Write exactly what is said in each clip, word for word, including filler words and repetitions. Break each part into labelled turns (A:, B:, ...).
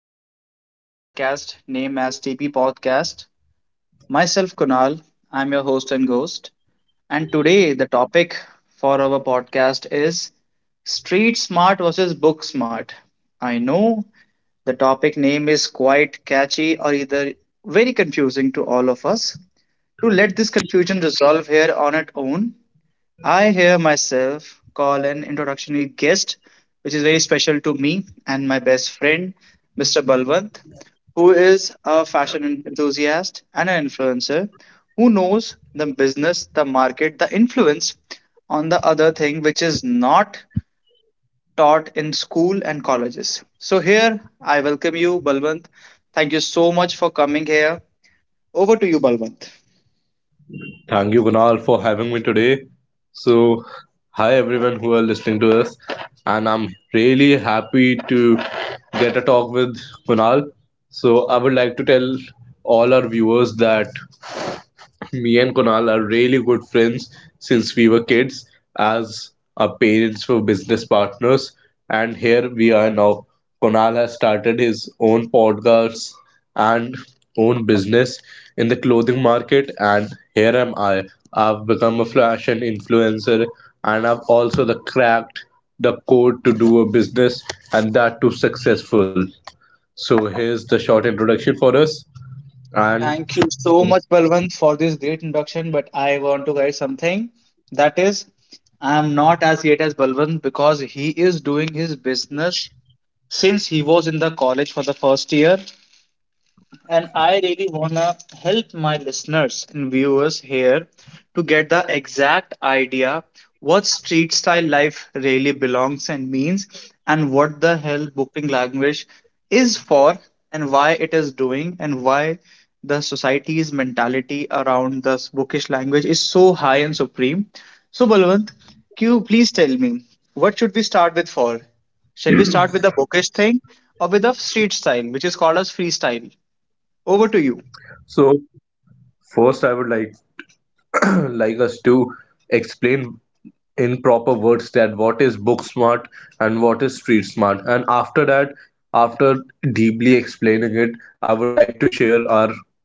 A: Welcome to our podcast named as T P Podcast. Myself, Kunal, I'm your host and ghost. And today, the topic for our podcast is Street Smart versus Book Smart. I know the topic name is quite catchy or either very confusing to all of us. To let this confusion resolve here on its own, I hear myself call an introductory guest, which is very special to me and my best friend, mister Balwant, who is a fashion enthusiast and an influencer who knows the business, the market, the influence on the other thing which is not taught in school and colleges. So, here I welcome you, Balwant. Thank you so much for coming here. Over to you, Balwant.
B: Thank you, Kunal, for having me today. So, hi everyone who are listening to us, and I'm really happy to get a talk with Kunal. So, I would like to tell all our viewers that me and Kunal are really good friends since we were kids, as our parents were business partners, and here we are now. Kunal has started his own podcast and own business in the clothing market, and here am I. I've become a fashion influencer, and I've also the cracked the code to do a business, and that too successful. So here's the short introduction for us, and
A: Thank you so much, Balwant, for this great introduction. But I want to guide something. That is, I am not as great as Balwant because he is doing his business since he was in the college for the first year. And I really want to help my listeners and viewers here to get the exact idea what street style life really belongs and means, and what the hell booking language is for, and why it is doing, and why the society's mentality around this bookish language is so high and supreme. So, Balwant, can you please tell me what should we start with for? Shall we start with the bookish thing or with the street style, which is called as freestyle? Over to you.
B: so first I would like like us to explain in proper words that what is book smart and what is street smart, and after that, after deeply explaining it, I would like to share our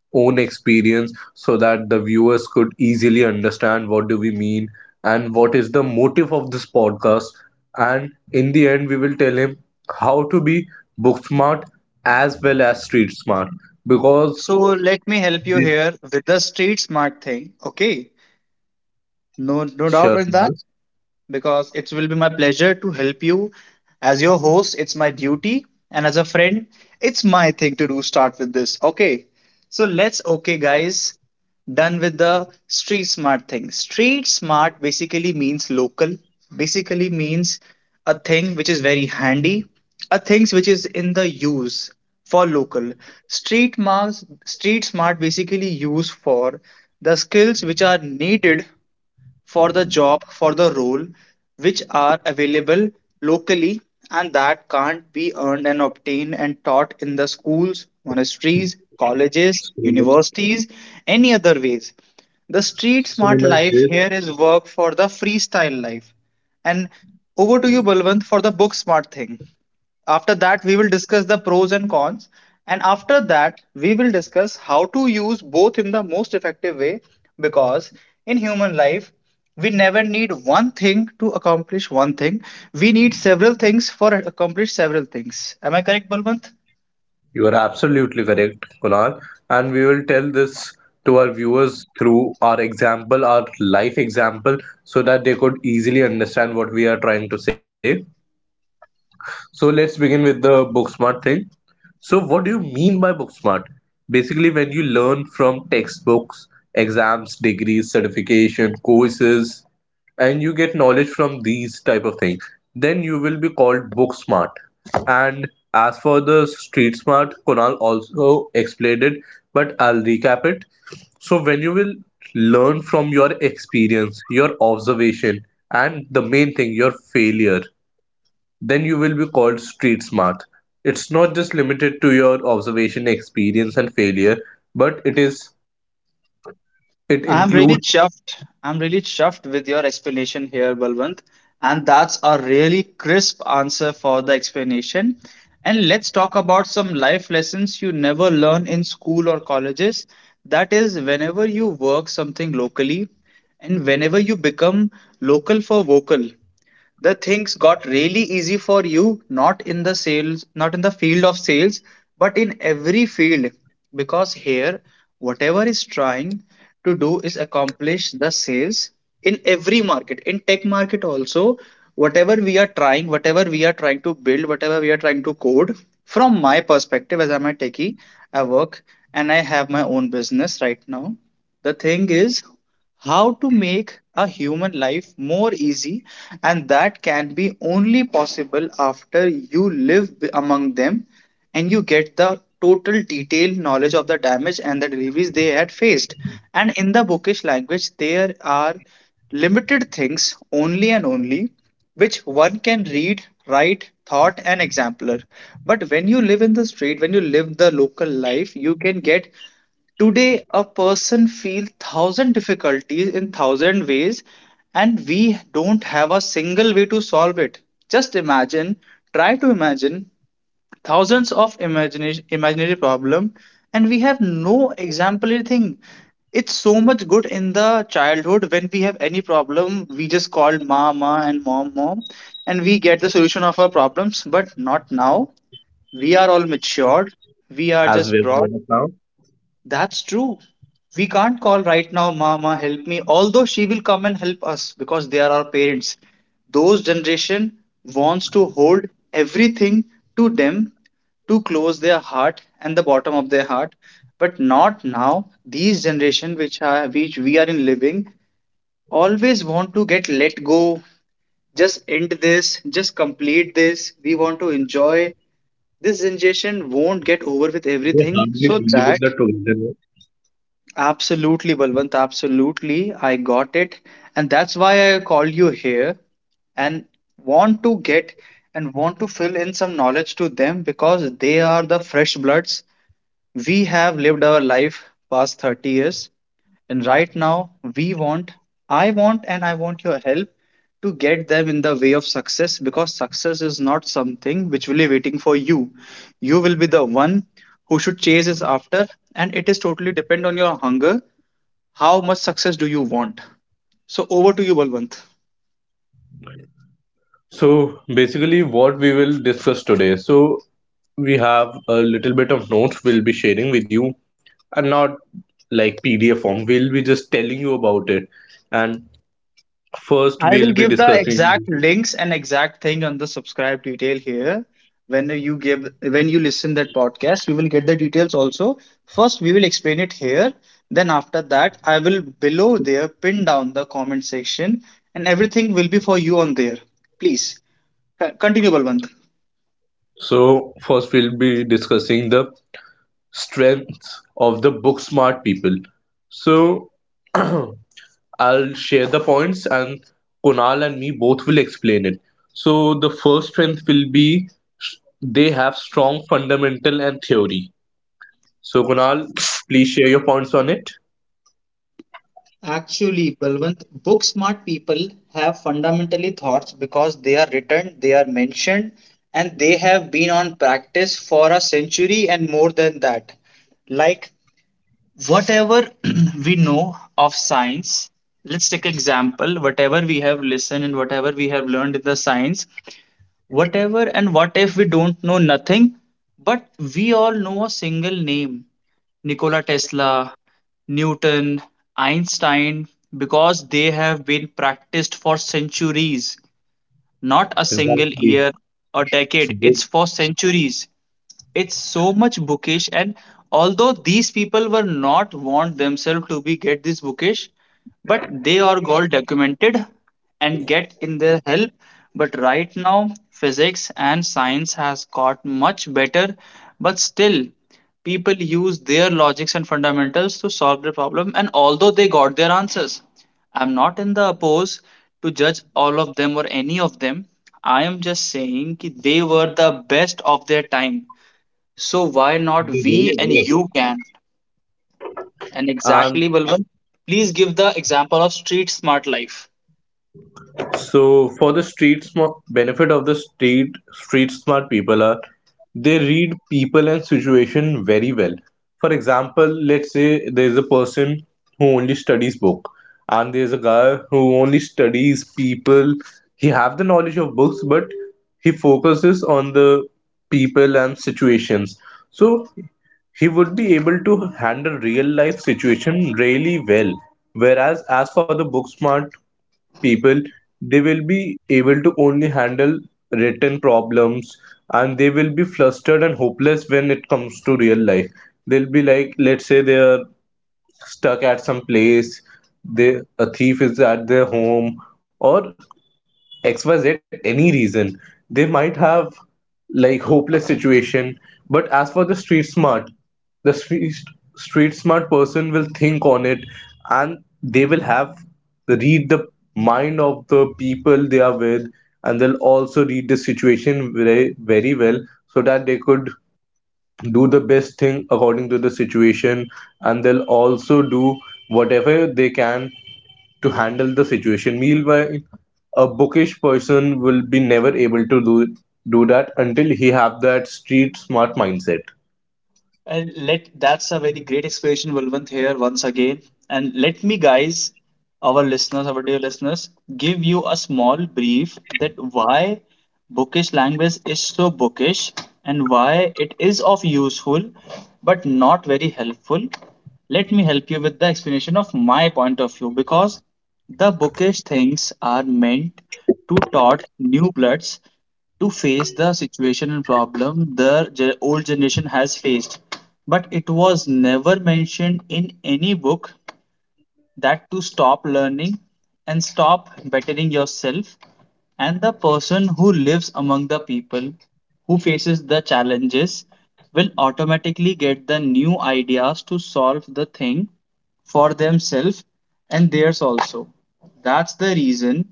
B: own experience so that the viewers could easily understand what do we mean and what is the motive of this podcast. And in the end, we will tell him how to be book smart as well as street smart because
A: So let me help you
B: this.
A: here with the street smart thing. Okay, no, no doubt
B: Sure.
A: in that. Because it will be my pleasure to help you. As your host, it's my duty, and as a friend, it's my thing to do start with this. Okay, so let's, okay, guys, done with the street smart thing. Street smart basically means local, basically means a thing which is very handy, a things which is in the use for local. Street marks, street smart basically used for the skills which are needed for the job, for the role, which are available locally and that can't be earned and obtained and taught in the schools, monasteries, colleges,
B: So
A: universities, any other ways. The street smart
B: similar
A: life here
B: gist.
A: is work for the freestyle life. And over to you, Balwant, for the book smart thing. After that, we will discuss the pros and cons. And after that, we will discuss how to use both in the most effective way because in human life, we never need one thing to accomplish one thing. We need several things for accomplish several things. Am I correct, Balwant?
B: You are absolutely correct, Kunal. And we will tell this to our viewers through our example, our life example, so that they could easily understand what we are trying to say. So let's begin with the book smart thing. So, what do you mean by book smart? Basically, when you learn from textbooks, exams, degrees, certification, courses, and you get knowledge from these type of things, then you will be called book smart. And as for the street smart, Kunal also explained it, but I'll recap it. So when you will learn from your experience, your observation, and the main thing, your failure, then you will be called street smart. It's not just limited to your observation, experience, and failure, but it is it
A: I'm really
B: includes
A: chuffed. I'm really chuffed with your explanation here, Balwant. And that's a really crisp answer for the explanation. And let's talk about some life lessons you never learn in school or colleges. That is, whenever you work something locally and whenever you become local for vocal, the things got really easy for you, not in the sales, not in the field of sales, but in every field, because here whatever is trying to do is accomplish the sales in every market, in tech market also. Whatever we are trying, whatever we are trying to build, whatever we are trying to code, from my perspective, as I'm a techie, I work and I have my own business right now. The thing is how to make a human life more easy, and that can be only possible after you live b- among them, and you get the total detailed knowledge of the damage and the deliveries they had faced. And in the bookish language there are limited things only and only which one can read, write, thought and exemplar. But when you live in the street, when you live the local life, you can get. Today, a person feels thousand difficulties in thousand ways, and we don't have a single way to solve it. Just imagine, try to imagine thousands of imagination, imaginary problem, and we have no exemplary thing. It's so much good in the childhood when we have any problem, we just called mama and mom, mom, and we get the solution of our problems. But not now. We are all matured. We are
B: as
A: just
B: we're
A: broad.
B: doing it now.
A: That's true. We can't call right now, Mama, help me, although she will come and help us because they are our parents. Those generation wants to hold everything to them, to close their heart and the bottom of their heart, but not now. These generation which are which we are in living always want to get let go, just end this, just complete this. We want to enjoy this generation won't get over with everything so that. Absolutely, Balwant, absolutely. I got it. And that's why I called you here and want to get and want to fill in some knowledge to them because they are the fresh bloods. We have lived our life past thirty years, and right now we want, I want, and I want your help to get them in the way of success because success is not something which will be waiting for you. You will be the one who should chase it after, and it is totally depend on your hunger. How much success do you want? So over to you, Balwant.
B: So basically, what we will discuss today. So we have a little bit of notes we'll be sharing with you, and not like P D F form. We'll be just telling you about it. And first,
A: I will
B: we'll be
A: give the exact
B: discussing.
A: links and exact thing on the subscribe detail here. When you give, when you listen that podcast, you will get the details also. First, we will explain it here. Then after that, I will below there pin down the comment section, and everything will be for you on there. Please co- continue, Balwant.
B: So first, we'll be discussing the strengths of the book smart people. So I'll share the points and Kunal and me both will explain it. So the first strength will be sh- they have strong fundamental and theory. So Kunal, please share your points on it.
A: Actually, Balwant, book smart people have fundamentally thoughts because they are written, they are mentioned, and they have been on practice for a century and more than that. Like whatever we know of science, let's take example, whatever we have listened and whatever we have learned in the science, whatever and what if we don't know nothing, but we all know a single name: Nikola Tesla, Newton, Einstein, because they have been practiced for centuries, not a single
B: Exactly.
A: year or decade,
B: They,
A: it's for centuries. It's so much bookish, and although these people were not want themselves to be get this bookish, but they are got documented and get in their help. But right now physics and science has got much better, but still people use their logics and fundamentals to solve the problem, and although they got their answers, I'm not in the oppose to judge all of them or any of them. I am just saying ki they were the best of their time, so why not
B: they really
A: we and
B: were.
A: you can? And
B: And
A: exactly, Balwant. Please give the example of street smart life.
B: so for the street smart benefit of the street street smart people are they read people and situation very well. For example, let's say there is a person who only studies book, and there is a guy who only studies people. He have the knowledge of books, but he focuses on the people and situations. So he would be able to handle real life situation really well, whereas as for the book smart people, they will be able to only handle written problems, and they will be flustered and hopeless when it comes to real life. They'll be like, let's say they're stuck at some place, they, a thief is at their home or X Y Z, any reason. They might have like hopeless situation, but as for the street smart, the street, street smart person will think on it and they will have read the mind of the people they are with, and they'll also read the situation very, very well so that they could do the best thing according to the situation, and they'll also do whatever they can to handle the situation, meanwhile a bookish person will be never able to do do that until he have that street smart mindset.
A: And let that's a very great explanation, Valvant, here once again. And let me, guys, our listeners, our dear listeners, give you a small brief that why bookish language is so bookish and why it is of useful but not very helpful. Let me help you with the explanation of my point of view because the bookish things are meant to taught new bloods to face the situation and problem the ge- old generation has faced, but it was never mentioned in any book that to stop learning and stop bettering yourself. And the person who lives among the people, who faces the challenges, will automatically get the new ideas to solve the thing for themselves and theirs also. That's the reason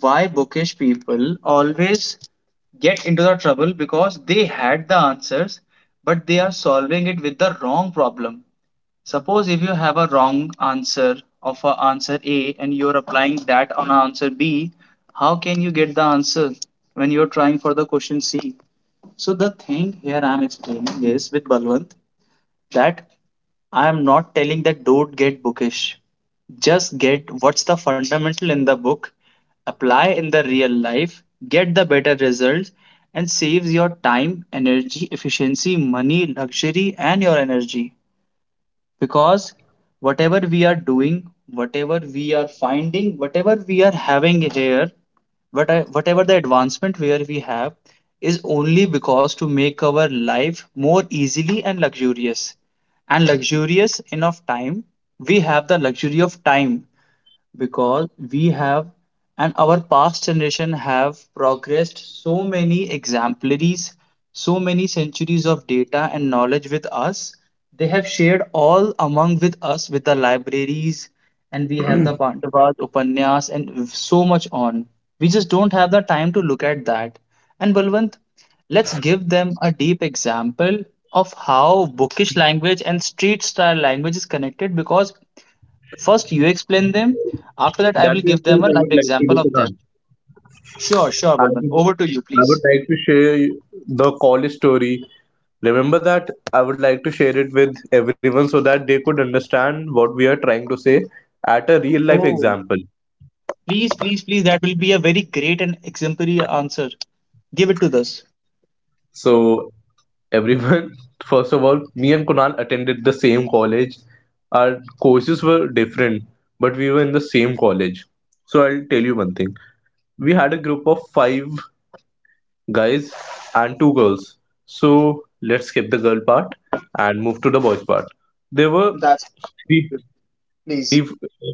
A: why bookish people always get into the trouble because they had the answers but they are solving it with the wrong problem. Suppose if you have a wrong answer of a answer A and you're applying that on answer B, how can you get the answer when you're trying for the question C? So the thing here I'm explaining is with Balwant that I am not telling that don't get bookish. Just get what's the fundamental in the book, apply in the real life, get the better results, and saves your time, energy, efficiency, money, luxury, and your energy because whatever we are doing, whatever we are finding, whatever we are having here, what whatever the advancement where we have is only because to make our life more easily and luxurious. And luxurious enough time, we have the luxury of time because we have, and our past generation have progressed so many exemplaries, so many centuries of data and knowledge with us. They have shared all among with us with the libraries, and we have the pandavas upanyas and so much on. We just don't have the time to look at that. And Balwant, let's give them a deep example of how bookish language and street style language is connected because first, you explain them. After that, I
B: That
A: will
B: is
A: give
B: what
A: them a
B: I
A: live
B: would like to do,
A: example of them.
B: Kunal.
A: Sure, sure,
B: I
A: Balwant.
B: would,
A: Over to you,
B: I would
A: please.
B: like to share the college story, remember that, I would like to share it with everyone so that they could understand what we are trying to say at a real life
A: Oh,
B: example.
A: please, please, please. That will be a very great and exemplary answer. Give it to us.
B: So everyone, first of all, me and Kunal attended the same college. Our courses were different, but we were in the same college. So I'll tell you one thing. We had a group of five guys and two girls. So let's skip the girl part and move to the boys part. There were
A: That's
B: three
A: good. Please.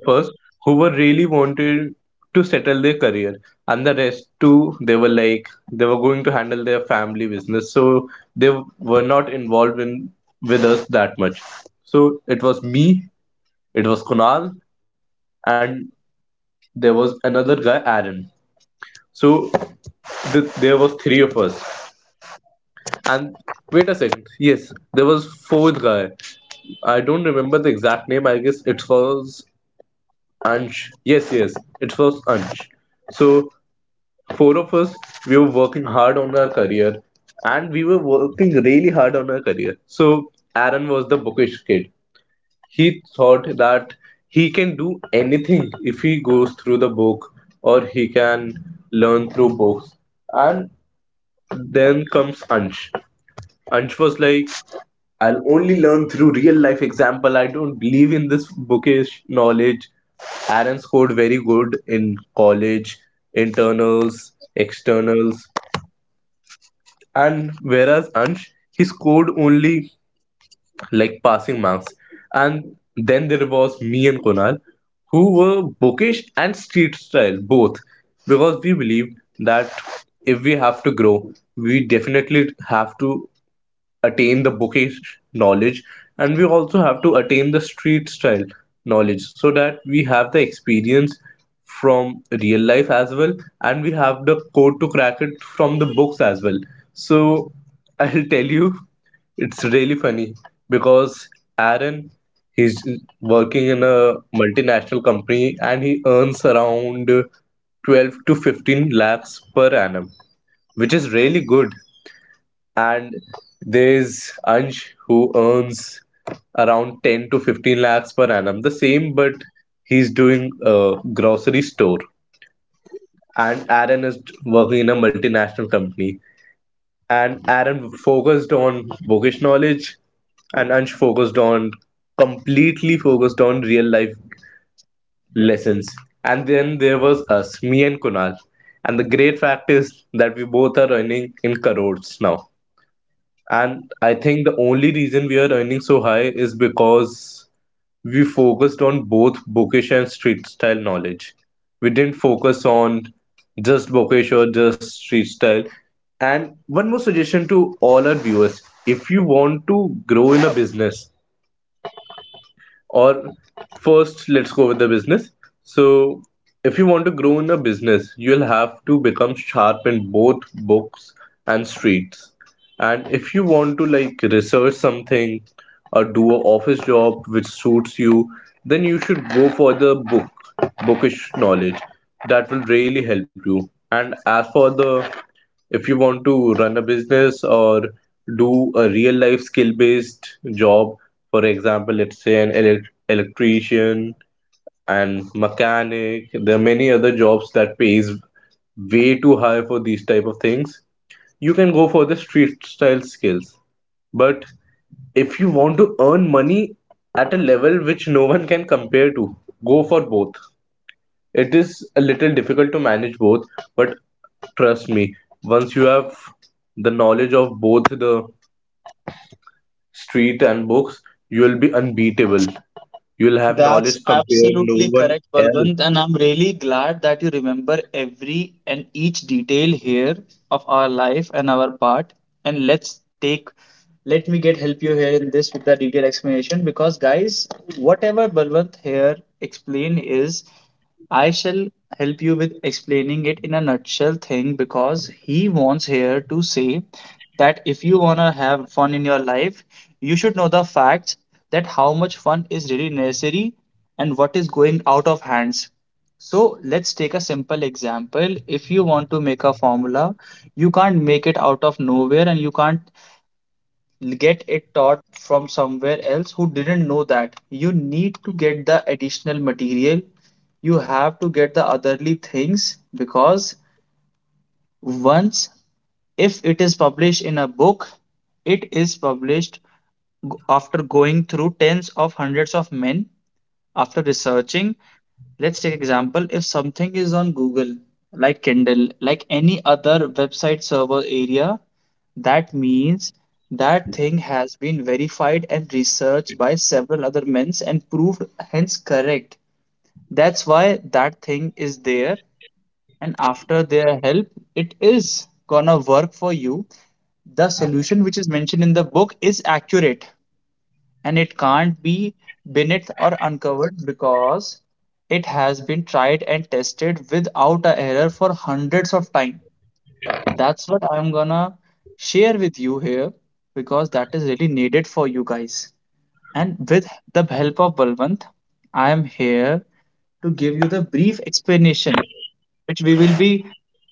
B: first who were really wanted to settle their career, and the rest too, they were like they were going to handle their family business, so they were not involved in with us that much. So it was me, it was Kunal, and there was another guy, Aaron. So th- there was three of us. And wait a second, yes, there was fourth guy. I don't remember the exact name. I guess it was Ansh. Yes, yes, it was Ansh. So four of us, we were working hard on our career, and we were working really hard on our career. So Aaron was the bookish kid. He thought that he can do anything if he goes through the book, or he can learn through books. And then comes Ansh. Ansh was like, I'll only learn through real life example. I don't believe in this bookish knowledge. Aaron scored very good in college, internals, externals, and whereas Ansh, he scored only like passing marks. And then there was me and Kunal, who were bookish and street style both, because we believed that if we have to grow, we definitely have to attain the bouquet knowledge, and we also have to attain the street style knowledge so that we have the experience from real life as well, and we have the code to crack it from the books as well. So I'll tell you, it's really funny because Aaron, he's working in a multinational company and he earns around twelve to fifteen lakhs per annum, which is really good. And there's Ansh who earns around ten to fifteen lakhs per annum, the same, but he's doing a grocery store. And Aaron is working in a multinational company. And Aaron focused on bookish knowledge, and Ansh focused on completely focused on real life lessons. And then there was us, me and Kunal. And the great fact is that we both are earning in crores now. And I think the only reason we are earning so high is because we focused on both bookish and street style knowledge. We didn't focus on just bookish or just street style. And one more suggestion to all our viewers, if you want to grow in a business, or first let's go with the business. So if you want to grow in a business, you'll have to become sharp in both books and streets. And if you want to like research something or do a office job which suits you, then you should go for the book bookish knowledge. That will really help you. And as for the, if you want to run a business or do a real life skill based job, for example, let's say an elec electrician and mechanic, there are many other jobs that pays way too high for these type of things. You can go for the street style skills. But if you want to earn money at a level which no one can compare to, go for both. It is a little difficult to manage both, but trust me, once you have the knowledge of both the street and books, you will be unbeatable. You will have
A: That's
B: knowledge compared no
A: absolutely
B: one
A: correct,
B: else.
A: Balwant, and I'm really glad that you remember every and each detail here of our life and our part. And let's take, let me get help you here in this with the detailed explanation because, guys, whatever Balwant here explained is I shall help you with explaining it in a nutshell thing because he wants here to say that if you want to have fun in your life, you should know the facts that how much fun is really necessary and what is going out of hands. So let's take a simple example. If you want to make a formula, you can't make it out of nowhere and you can't get it taught from somewhere else who didn't know that. You need to get the additional material. You have to get the otherly things because once if it is published in a book, it is published g- after going through tens of hundreds of men after researching. Let's take example if something is on Google, like Kindle, like any other website server area, that means that thing has been verified and researched by several other men's and proved hence correct. That's why that thing is there, and after their help, it is gonna work for you. The solution which is mentioned in the book is accurate and it can't be beneath or uncovered because it has been tried and tested without a error for hundreds of times. That's what I'm gonna share with you here because that is really needed for you guys. And with the help of Balwant, I am here to give you the brief explanation which we will be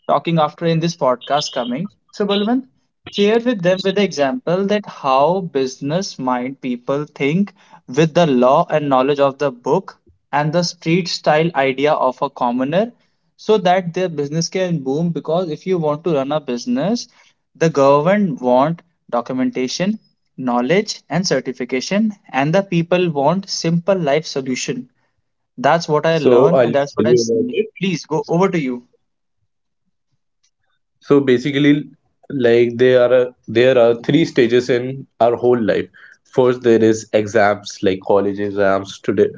A: talking after in this podcast coming. So, Balwant, share with them with the example that how business mind people think with the law and knowledge of the book and the street style idea of a commoner so that their business can boom because if you want to run a business, the government want documentation, knowledge and certification, and the people want simple life solution. That's what I
B: So
A: learn
B: I'll
A: and that's what
B: tell
A: I
B: you about
A: see.
B: it.
A: Please go over to you.
B: So basically, like there are there are three stages in our whole life. First, there is exams like college exams today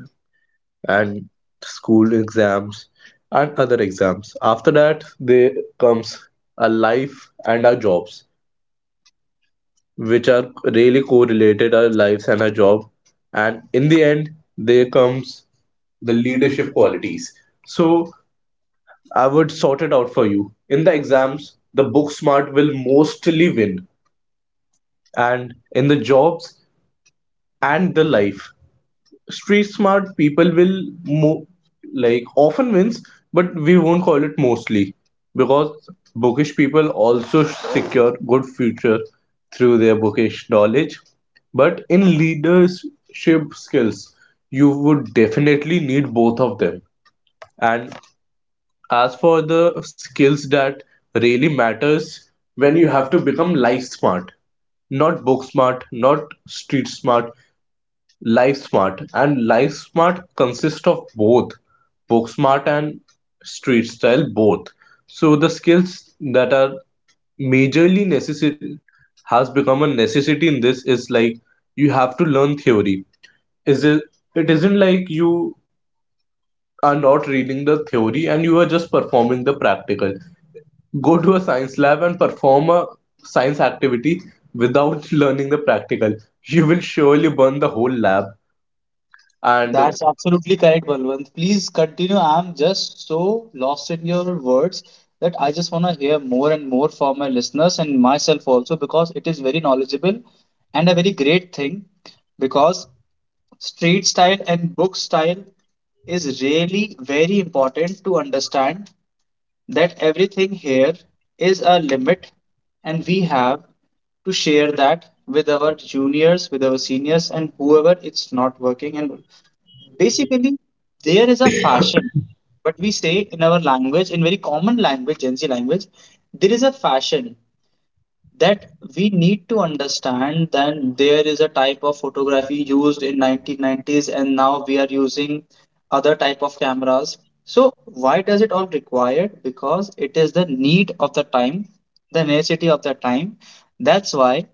B: and school exams and other exams. After that, there comes our life and our jobs, which are really correlated our lives and our job. And in the end, there comes the leadership qualities. So I would sort it out for you. In the exams, the book smart will mostly win, and in the jobs and the life, street smart people will mo- like often wins, but we won't call it mostly, because bookish people also secure good future through their bookish knowledge. But in leadership skills, you would definitely need both of them. And as for the skills that really matters, when you have to become life smart, not book smart, not street smart, LiveSmart, and LiveSmart consists of both book-smart and street style both. So the skills that are majorly necessary, has become a necessity in this, is like you have to learn theory. Is it? It isn't like you are not reading the theory and you are just performing the practical. Go to a science lab and perform a science activity without learning the practical. You will surely burn the whole lab and
A: That's absolutely correct, Balwant. Please continue. I'm just so lost in your words that I just want to hear more and more from my listeners and myself also because it is very knowledgeable and a very great thing because street style and book style is really very important to understand that everything here is a limit and we have to share that with our juniors, with our seniors, and whoever it's not working and basically, there is a fashion, but we say in our language, in very common language, Gen Z language, there is a fashion that we need to understand that there is a type of photography used in nineteen nineties and now we are using other type of cameras. So why does it all required? Because it is the need of the time, the necessity of the time. That's why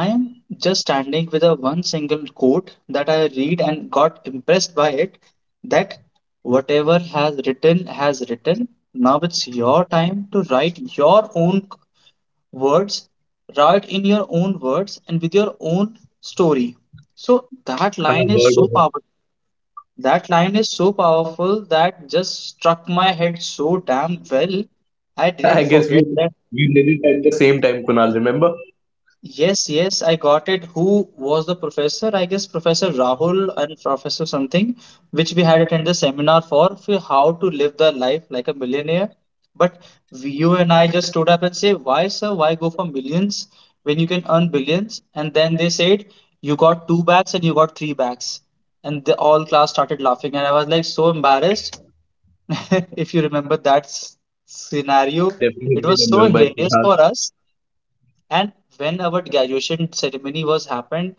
A: I am just standing with a one single quote that I read and got impressed by it, that whatever has written has written, now it's your time to write your own words. Write in your own words and with your own story. So that line
B: I've
A: is
B: heard
A: so
B: of it.
A: powerful, that line is so powerful that just struck my head so damn well. I
B: I
A: didn't
B: guess we
A: forget that.
B: we did it at the same time, Kunal. Remember?
A: Yes, yes, I got it. Who was the professor? I guess Professor Rahul and Professor something, which we had attended the seminar for, for how to live the life like a millionaire. But we- you and I just stood up and say, why, sir, why go for millions when you can earn billions? And then they said, you got two bags and you got three bags. And the all class started laughing. And I was like so embarrassed. If you remember that s- scenario,
B: I definitely
A: it was so
B: remember it,
A: hilarious
B: Kunal.
A: for us. And when our graduation ceremony was happened,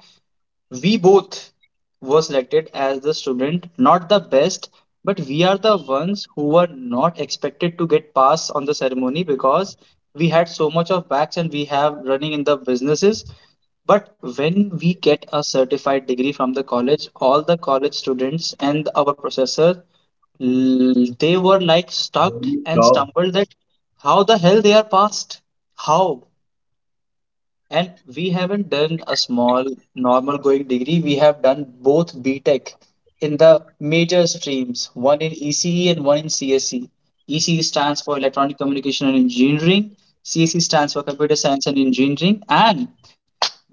A: we both were selected as the student, not the best, but we are the ones who were not expected to get pass on the ceremony because we had so much of backs and we have running in the businesses. But when we get a certified degree from the college, all the college students and our professor, l- they were like stuck and
B: Job.
A: stumbled that how the hell they are passed? How? And we haven't done a small normal going degree. We have done both BTech in the major streams, one in E C E and one in C S E. E C E stands for Electronic Communication and Engineering, C S E stands for Computer Science and Engineering, and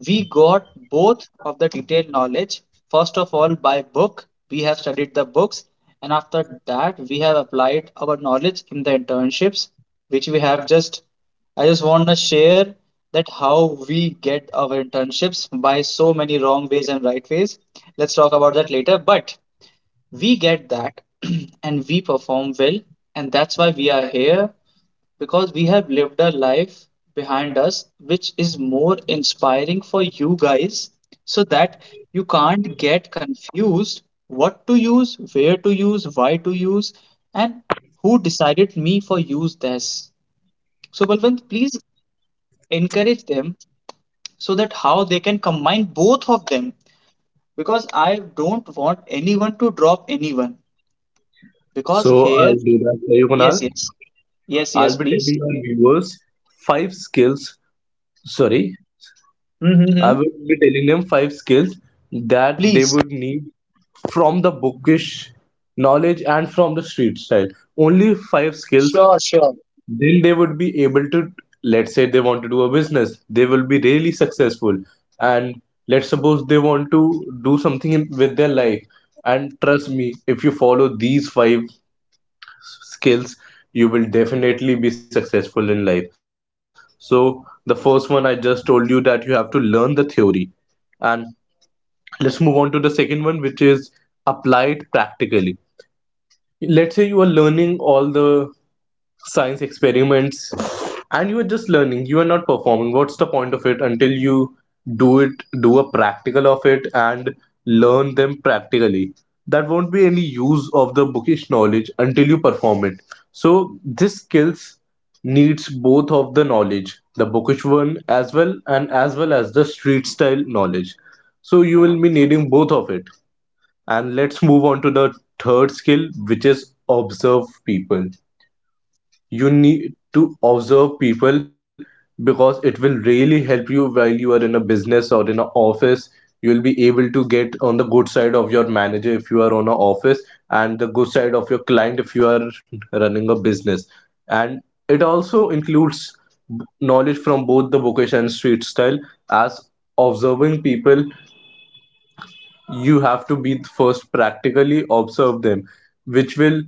A: we got both of the detailed knowledge. First of all by book, we have studied the books, and after that we have applied our knowledge in the internships which we have just, I just want to share that how we get our internships by so many wrong ways and right ways. Let's talk about that later, but we get that and we perform well, and that's why we are here because we have lived a life behind us which is more inspiring for you guys so that you can't get confused what to use, where to use, why to use, and who decided me for use this. So, Balwant, please encourage them so that how they can combine both of them because I don't want anyone to drop anyone because
B: So
A: here,
B: I'll do that for you, Kunal.
A: yes, yes, yes, yes,
B: I'll be
A: please.
B: telling our viewers five skills. Sorry, I
A: Mm-hmm.
B: will be telling them five skills that they
A: Please.
B: would need from the bookish knowledge and from the street style. Only five skills,
A: Sure, sure.
B: then they would be able to, let's say they want to do a business, they will be really successful. And let's suppose they want to do something in, with their life, and trust me, if you follow these five skills, you will definitely be successful in life. So the first one, I just told you that you have to learn the theory. And let's move on to the second one, which is apply it practically. Let's say you are learning all the science experiments and you are just learning, you are not performing. What's the point of it until you do it, do a practical of it and learn them practically. That won't be any use of the bookish knowledge until you perform it. So this skills needs both of the knowledge, the bookish one as well and as well as the street style knowledge. So you will be needing both of it. And let's move on to the third skill, which is observe people. You need to observe people because it will really help you while you are in a business or in an office. You will be able to get on the good side of your manager if you are on an office, and the good side of your client if you are running a business. And it also includes knowledge from both the vocation and street style. As observing people, you have to be first practically observe them, which will,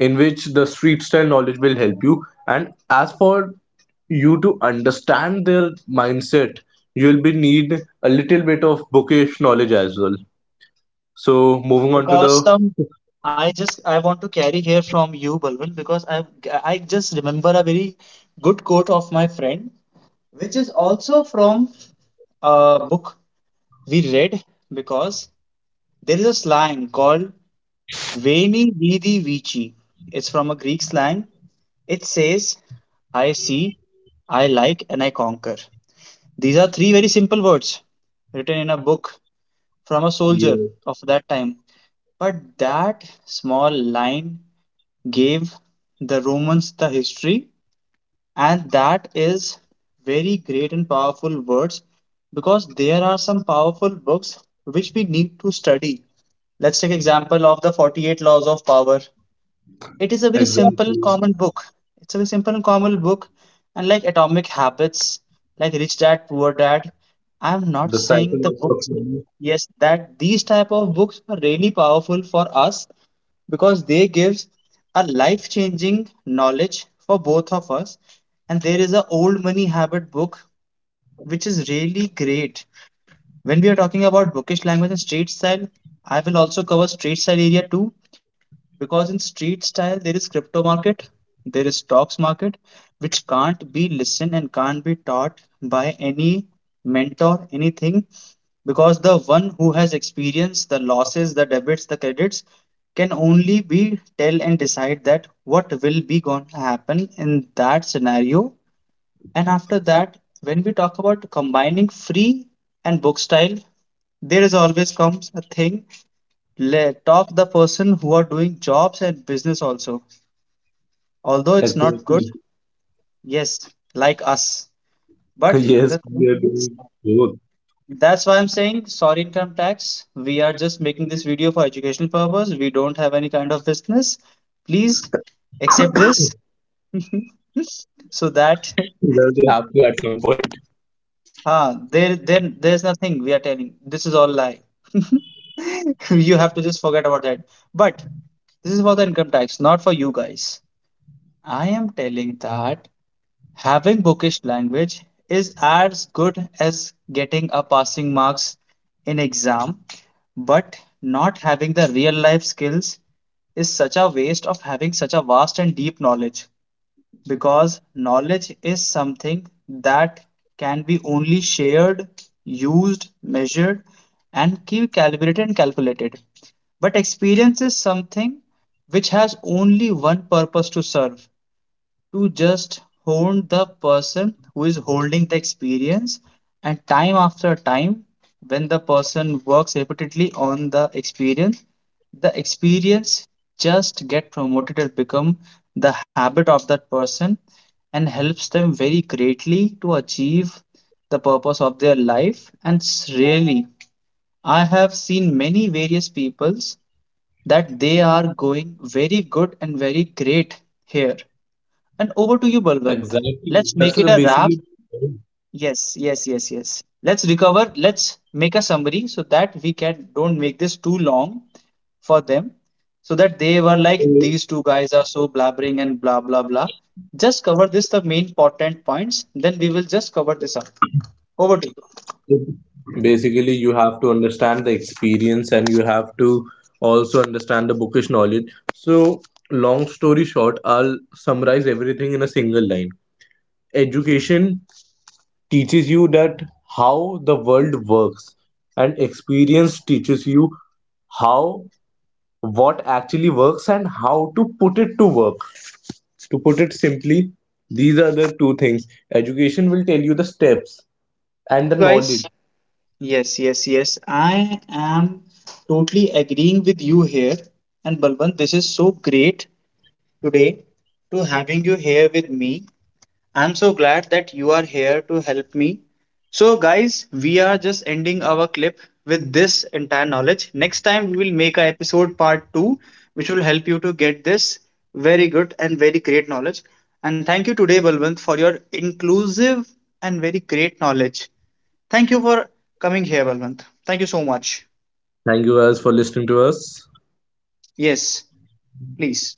B: in which the street style knowledge will help you. And as for you to understand their mindset, you'll be need a little bit of bookish knowledge as well. So moving on to
A: Because
B: the
A: some, I just I want to carry here from you, Balwant, because I I just remember a very good quote of my friend, which is also from a book we read because there is a slang called "veni vidi vici." It's from a Greek slang. It says, "I see, I like, and I conquer." These are three very simple words written in a book from a soldier
B: yeah,
A: of that time. But that small line gave the Romans the history, and that is very great and powerful words because there are some powerful books which we need to study. Let's take example of the forty-eight Laws of Power. It is a very simple,
B: exactly,
A: common book. It's a very simple and common book, and like Atomic Habits, like Rich Dad Poor Dad. I'm
B: the
A: not saying
B: psychology
A: the
B: of
A: books.
B: money.
A: Yes, that these type of books are really powerful for us because they gives a life changing knowledge for both of us, and there is a old money habit book which is really great. When we are talking about bookish language and street style, I will also cover street style area too because in street style there is crypto market, there is stocks market which can't be listened and can't be taught by any mentor anything because the one who has experienced the losses, the debits, the credits can only be tell and decide that what will be going to happen in that scenario. And after that, when we talk about combining free and book style, there is always comes a thing. Let talk the person who are doing jobs and business also, although it's not good,
B: Exactly.
A: yes, like us, but
B: Yes,
A: the thing
B: we are
A: is
B: doing both.
A: that's why I'm saying sorry income tax. We are just making this video for educational purpose. We don't have any kind of business. Please accept this. So that
B: That will happen at some point.
A: ah there, then there's nothing we are telling. This is all lie. You have to just forget about that. But this is for the income tax, not for you guys. I am telling that having bookish language is as good as getting a passing marks in exam, but not having the real life skills is such a waste of having such a vast and deep knowledge because knowledge is something that can be only shared, used, measured, and keep calibrated and calculated. But experience is something which has only one purpose to serve, to just hone the person who is holding the experience, and time after time when the person works repeatedly on the experience, the experience just get promoted and become the habit of that person and helps them very greatly to achieve the purpose of their life. And really, I have seen many various peoples that they are going very good and very great here, and over to you,
B: Exactly.
A: Balwant.
B: That's the
A: Let's make it
B: basically.
A: a wrap. Yes, yes, yes, yes. Let's recover. Let's make a summary so that we can don't make this too long for them. So that they were like, these two guys are so blabbering and blah blah blah. Just cover this the main important points, then we will just cover this up. Over to you.
B: Basically you have to understand the experience and you have to also understand the bookish knowledge. So long story short, I'll summarize everything in a single line. Education teaches you that how the world works, and experience teaches you how, what actually works and how to put it to work, to put it
A: Yes,
B: simply,
A: absolutely,
B: these are
A: Balwant.
B: the two
A: You are
B: things.
A: absolutely
B: Education
A: correct
B: will tell you
A: and
B: the
A: right.
B: steps
A: And thank
B: and
A: you
B: the knowledge.
A: guys. Yes, yes, yes. I am totally agreeing with you here. And Balwant, this is so great today to having you here with me. I'm so glad that you are here to help me. So, guys, we are just ending our clip with this entire knowledge. Next time, we will make a episode part two, which will help you to get this very good and very great knowledge. And thank you today, Balwant, for your inclusive and very great knowledge. Thank you for coming here, Balwant. Thank you so much.
B: Thank you guys for listening to us.
A: Yes, please.